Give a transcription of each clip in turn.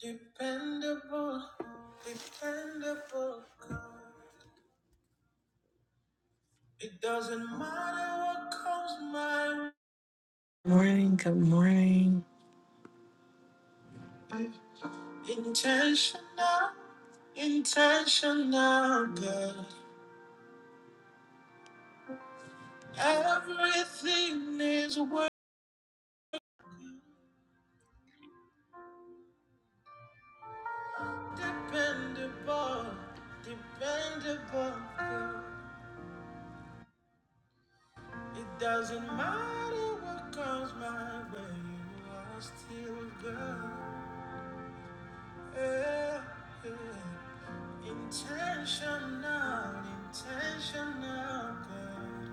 Dependable, dependable. It doesn't matter what comes my way. Morning, good morning. Intentional, intentional, God. Everything is worth dependable, dependable. God. It doesn't matter what comes my way, you are still God. Yeah, yeah. Intentional, intentional good.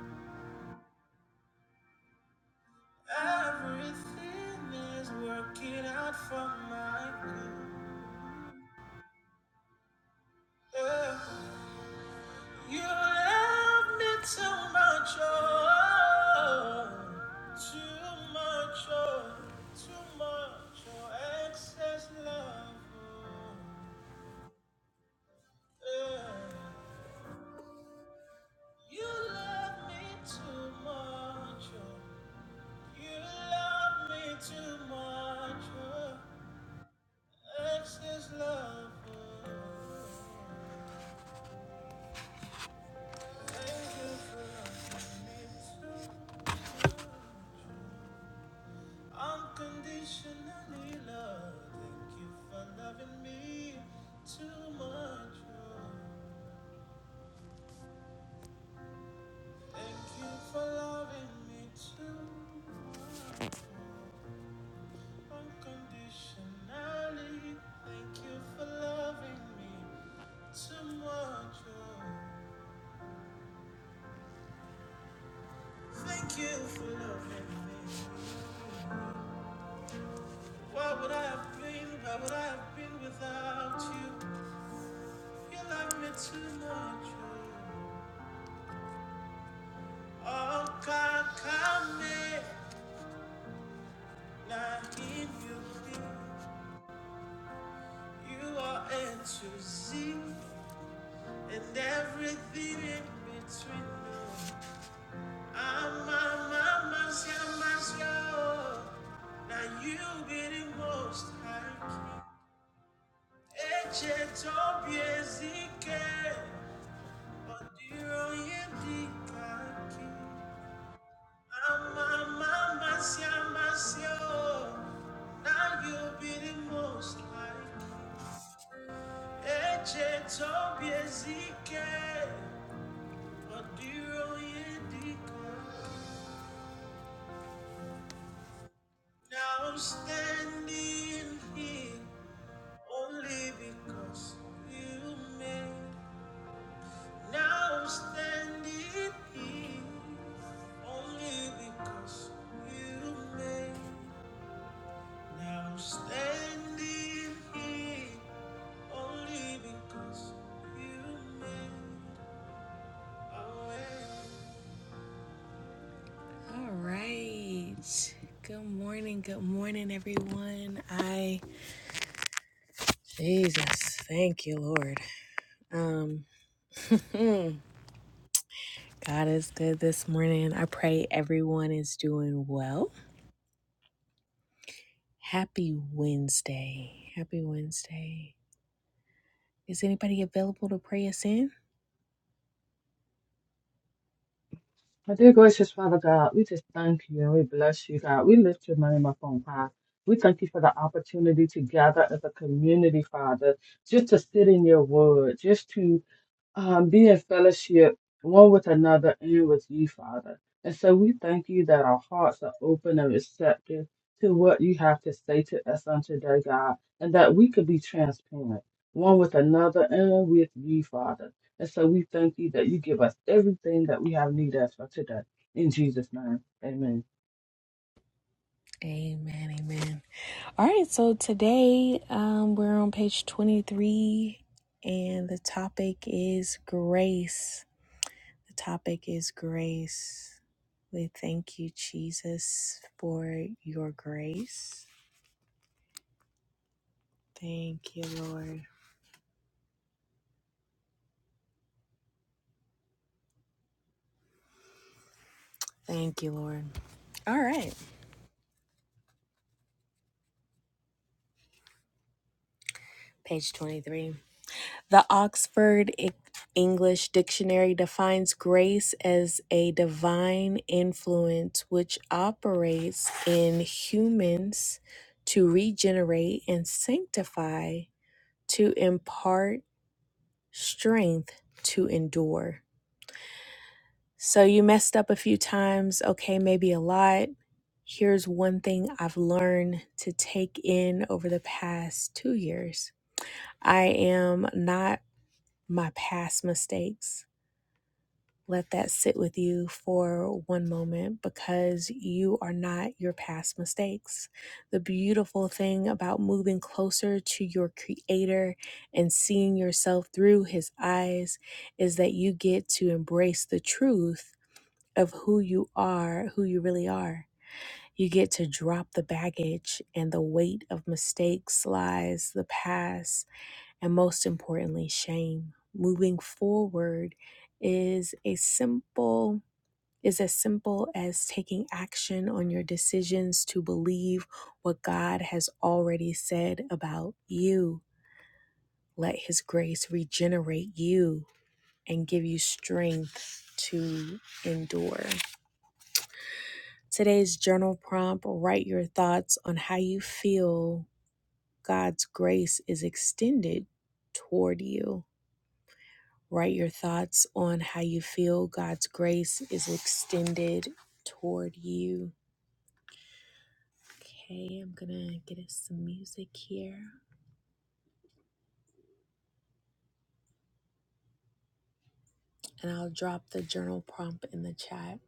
Everything is working out for my good. Yeah. You love me too much, oh, too much, oh, too much, oh, excess love. Oh. Yeah. You love me too much, oh. You love me too much. oh, Excess love. oh, excess love. Unconditionally love. Thank you for loving me too much. oh, Thank you for loving me too much. Unconditionally. Thank you for loving me too much. oh, Thank you for loving me. Why would I have been? Why would I have been without you? You love me too much. oh. Oh, God, come in. you You are A to Z and everything in between. I'm a mama's, your mama's, Now you be the most high king. Eche to biezike. Now you'll be the most like Eche Tobiezike Now I'm standing here only because you made Now I'm standing here only because you made Now I'm standing here only because you made a way. All right. Good morning. Good morning, everyone. I Jesus, thank you, Lord. Um, mm, God is good this morning. I pray everyone is doing well. Happy Wednesday. Happy Wednesday. Is anybody available to pray us in? Our dear gracious Father God, we just thank you and we bless you, God. We lift your name up on high. We thank you for the opportunity to gather as a community, Father, just to sit in your word, just to um, be in fellowship one with another and with you, Father. And so we thank you that our hearts are open and receptive to what you have to say to us on today, God, and that we could be transparent one with another and with you, Father. And so we thank you that you give us everything that we have need of for today. In Jesus' name, amen. Amen. Amen. All right, so today um, we're on page 23, and the topic is grace. The topic is grace. We thank you, Jesus, for your grace. Thank you, Lord. Thank you, Lord. All right, page 23. The Oxford E- English Dictionary defines grace as a divine influence which operates in humans to regenerate and sanctify, to impart strength to endure. So you messed up a few times, okay, maybe a lot. Here's one thing I've learned to take in over the past two years I am not my past mistakes. Let that sit with you for one moment because you are not your past mistakes. The beautiful thing about moving closer to your Creator and seeing yourself through His eyes is that you get to embrace the truth of who you are, who you really are. You get to drop the baggage and the weight of mistakes, lies, the past, and most importantly, shame. Moving forward is a simple is as simple as taking action on your decisions to believe what God has already said about you. Let His grace regenerate you and give you strength to endure. Today's journal prompt write your thoughts on how you feel God's grace is extended toward you. Write your thoughts on how you feel God's grace is extended toward you. Okay, I'm gonna get us some music here and I'll drop the journal prompt in the chat.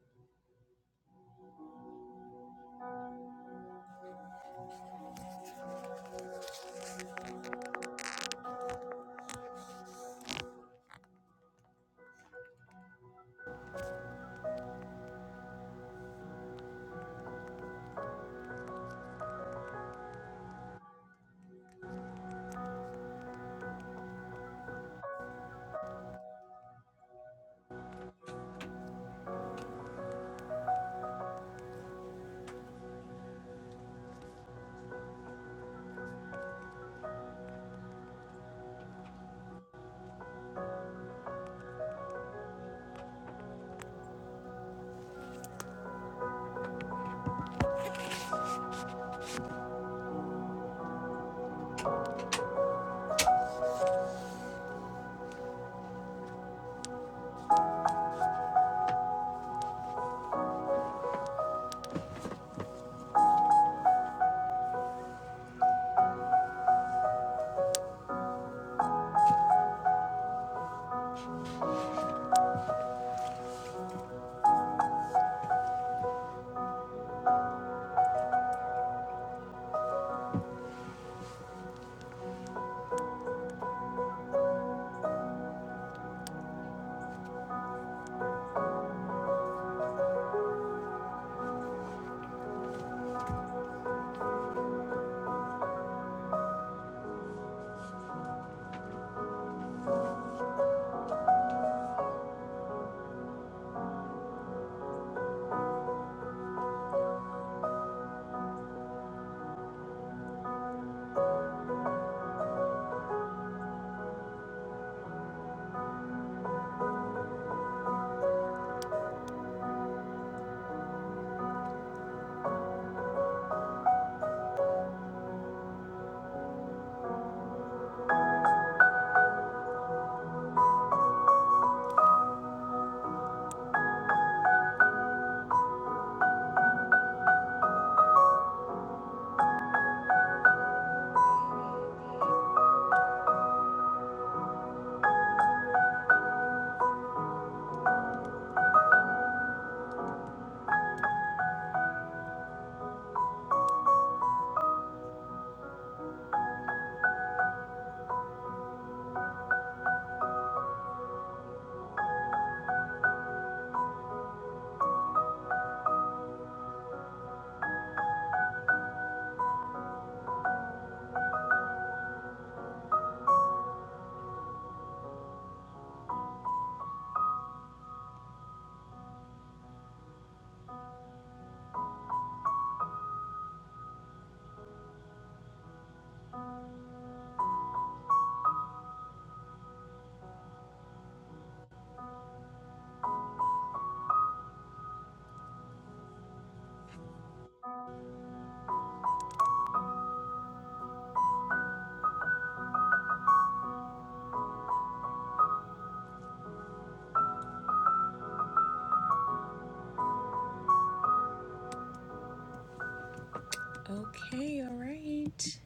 Okay, all right.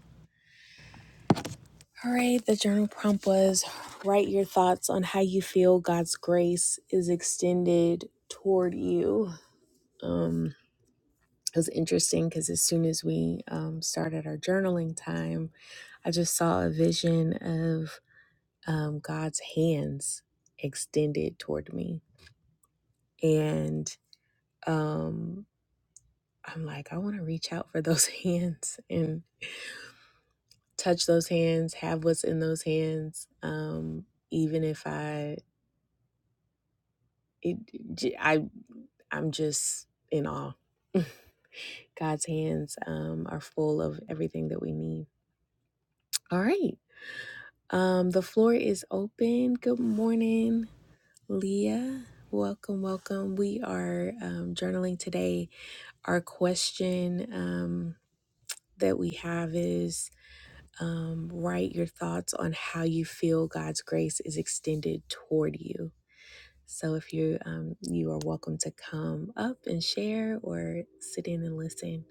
All right, the journal prompt was write your thoughts on how you feel God's grace is extended toward you. Um, it was interesting because as soon as we um, started our journaling time, I just saw a vision of um, God's hands extended toward me. And um. I'm like, I want to reach out for those hands and touch those hands, have what's in those hands. Um, even if I, it, j- I, I'm just in awe. God's hands um, are full of everything that we need. All right. Um, the floor is open. Good morning, Leah. Welcome, welcome. We are um, journaling today. Our question um, that we have is um, write your thoughts on how you feel God's grace is extended toward you. So if you um, you are welcome to come up and share or sit in and listen.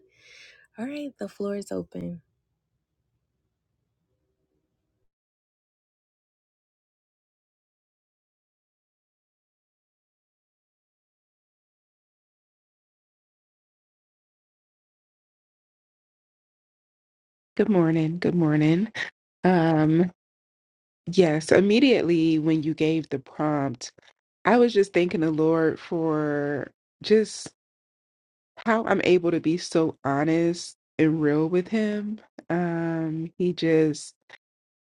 All right, the floor is open. Good morning. Good morning. Um, yes, immediately when you gave the prompt, I was just thanking the Lord for just how I'm able to be so honest and real with him. Um, he just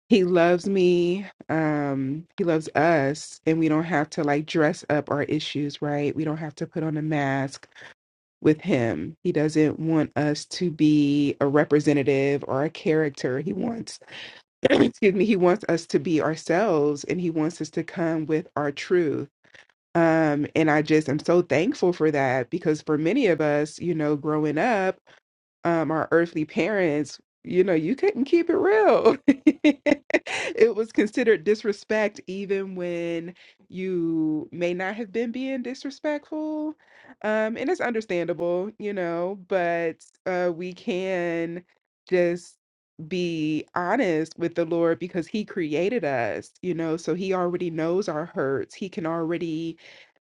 he loves me. Um, he loves us, and we don't have to like dress up our issues, right? We don't have to put on a mask with him. He doesn't want us to be a representative or a character. He wants excuse me he wants us to be ourselves and he wants us to come with our truth um and i just am so thankful for that because for many of us you know growing up um, our earthly parents, you know, you couldn't keep it real. it was considered disrespect, even when you may not have been being disrespectful. Um, and it's understandable, you know, but uh, we can just be honest with the Lord because He created us, you know, so He already knows our hurts. He can already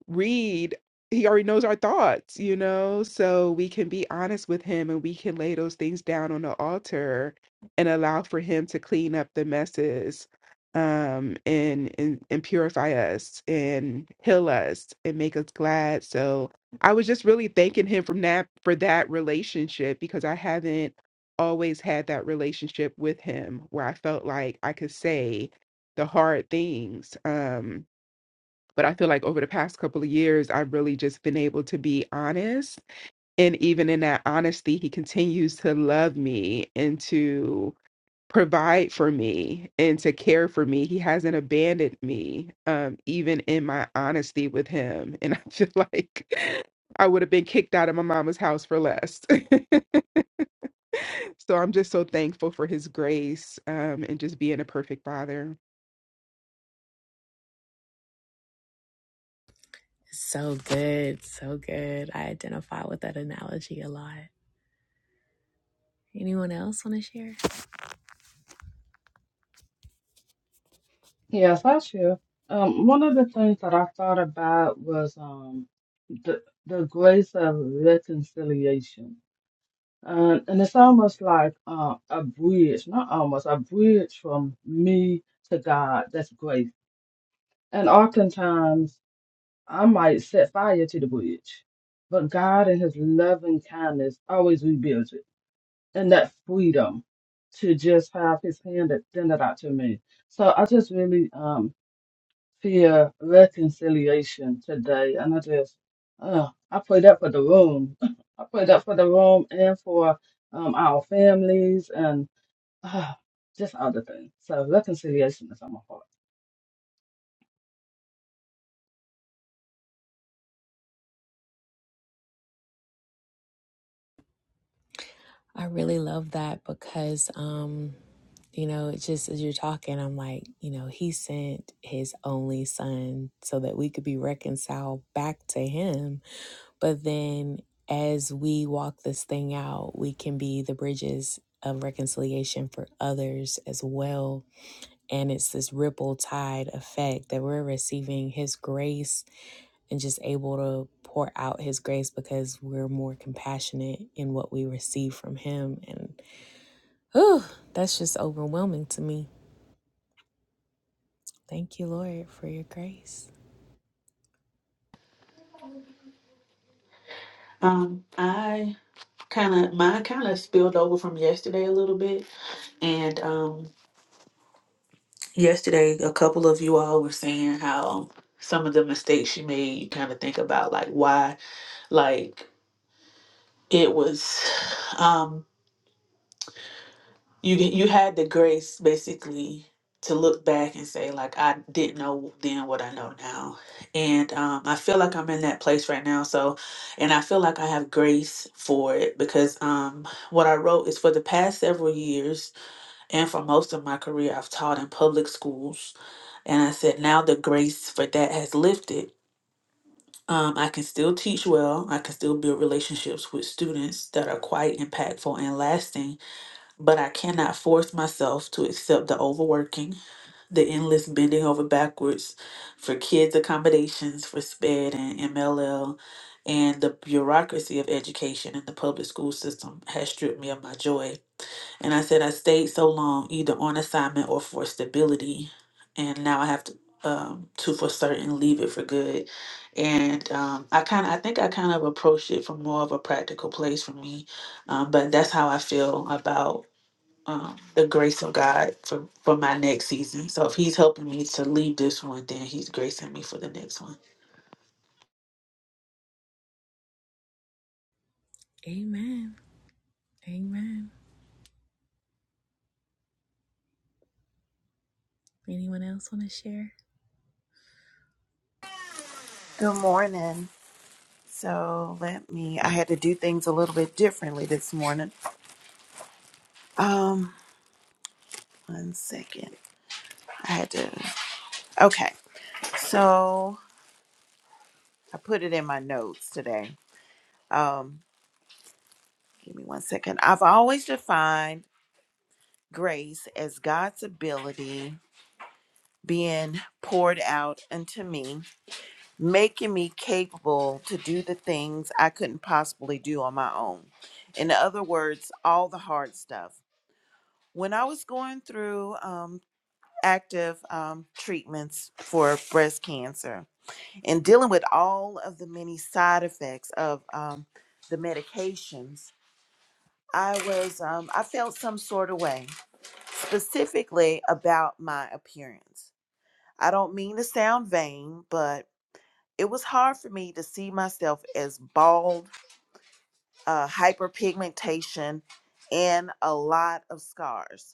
read he already knows our thoughts you know so we can be honest with him and we can lay those things down on the altar and allow for him to clean up the messes um and and, and purify us and heal us and make us glad so i was just really thanking him from that for that relationship because i haven't always had that relationship with him where i felt like i could say the hard things um but I feel like over the past couple of years, I've really just been able to be honest. And even in that honesty, he continues to love me and to provide for me and to care for me. He hasn't abandoned me, um, even in my honesty with him. And I feel like I would have been kicked out of my mama's house for less. so I'm just so thankful for his grace um, and just being a perfect father. So good, so good. I identify with that analogy a lot. Anyone else want to share? Yes, I share. Um, one of the things that I thought about was um, the, the grace of reconciliation And, and it's almost like uh, a bridge, not almost, a bridge from me to God. That's grace. And oftentimes I might set fire to the bridge, but God in His loving kindness always rebuilds it. And that freedom to just have His hand extended out to me. So I just really, um, fear reconciliation today. And I just, uh, I pray that for the room. I pray that for the room and for um, our families and uh, just other things. So reconciliation is on my heart. I really love that because um, You know, it's just as you're talking, I'm like, you know, he sent his only son so that we could be reconciled back to him. But then as we walk this thing out, we can be the bridges of reconciliation for others as well. And it's this ripple tide effect that we're receiving his grace and just able to pour out his grace because we're more compassionate in what we receive from him. And whew, that's just overwhelming to me Thank you, Lord, for your grace. Um, I kind of mine kind of spilled over from yesterday a little bit, and um, yesterday a couple of you all were saying how some of the mistakes you made. You kind of think about like why, like it was. Um, you you had the grace basically to look back and say like I didn't know then what I know now, and um, I feel like I'm in that place right now. So, and I feel like I have grace for it because um, what I wrote is for the past several years and for most of my career I've taught in public schools, and I said now the grace for that has lifted. Um, I can still teach well. I can still build relationships with students that are quite impactful and lasting but I cannot force myself to accept the overworking, the endless bending over backwards for kids' accommodations for SPED and MLL, and the bureaucracy of education and the public school system has stripped me of my joy. And I said I stayed so long either on assignment or for stability, and now I have to um to for certain leave it for good and um i kind of i think i kind of approached it from more of a practical place for me um, but that's how i feel about um, the grace of God for, for my next season. So if He's helping me to leave this one, then He's gracing me for the next one. Amen. Amen. Anyone else want to share? Good morning. So let me, I had to do things a little bit differently this morning. Um, one second. I had to, okay. So I put it in my notes today. Um, give me one second. I've always defined grace as God's ability being poured out unto me, making me capable to do the things I couldn't possibly do on my own. In other words, all the hard stuff. when I was going through um, active um, treatments for breast cancer and dealing with all of the many side effects of um, the medications, I was um, I felt some sort of way, specifically about my appearance. I don't mean to sound vain, but it was hard for me to see myself as bald, uh, hyperpigmentation, and a lot of scars.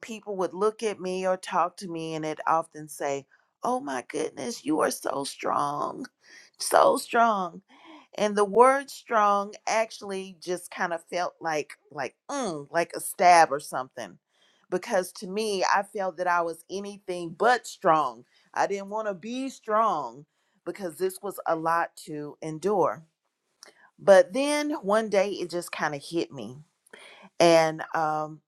people would look at me or talk to me and it often say, Oh my goodness, you are so strong, so strong. And the word strong actually just kind of felt like like mm, like a stab or something. Because to me, I felt that I was anything but strong. I didn't want to be strong because this was a lot to endure. But then one day it just kind of hit me. And um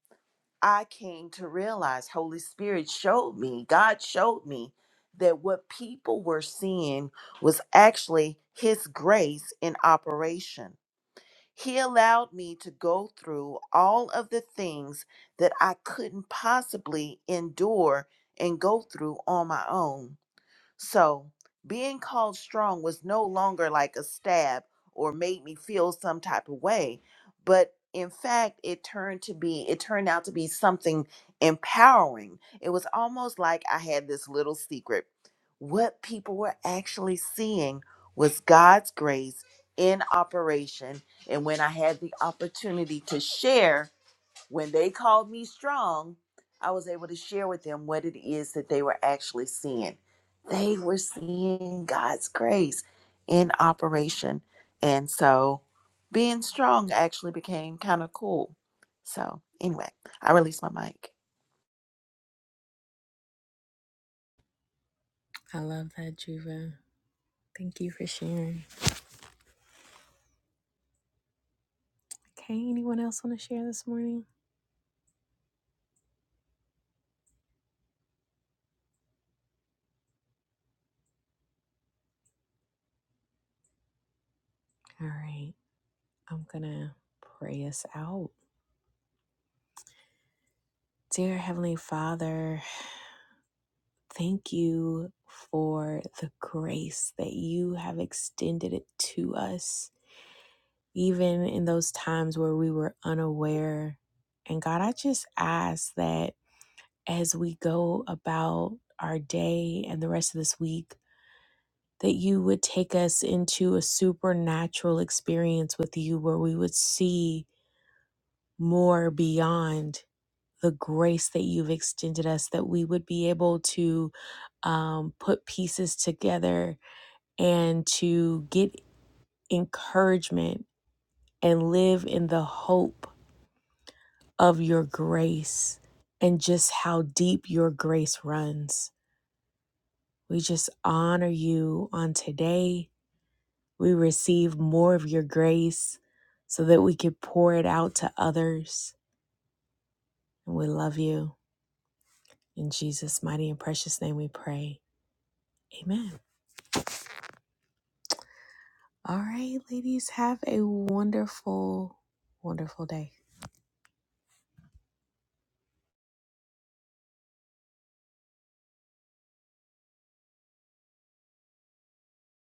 I came to realize, Holy Spirit showed me, God showed me that what people were seeing was actually His grace in operation. He allowed me to go through all of the things that I couldn't possibly endure and go through on my own. So, being called strong was no longer like a stab or made me feel some type of way, but in fact, it turned to be it turned out to be something empowering. It was almost like I had this little secret. What people were actually seeing was God's grace in operation, and when I had the opportunity to share when they called me strong, I was able to share with them what it is that they were actually seeing. They were seeing God's grace in operation. And so being strong actually became kind of cool. So, anyway, I released my mic. I love that, Juva. Thank you for sharing. Okay, anyone else want to share this morning? All right, I'm going to pray us out. Dear Heavenly Father, Thank you for the grace that you have extended it to us, even in those times where we were unaware. And God, I just ask that as we go about our day and the rest of this week, that you would take us into a supernatural experience with you where we would see more beyond the grace that you've extended us, that we would be able to um, put pieces together and to get encouragement and live in the hope of your grace and just how deep your grace runs. We just honor you on today. We receive more of your grace so that we could pour it out to others. And we love you. In Jesus' mighty and precious name we pray. Amen. All right, ladies, have a wonderful, wonderful day.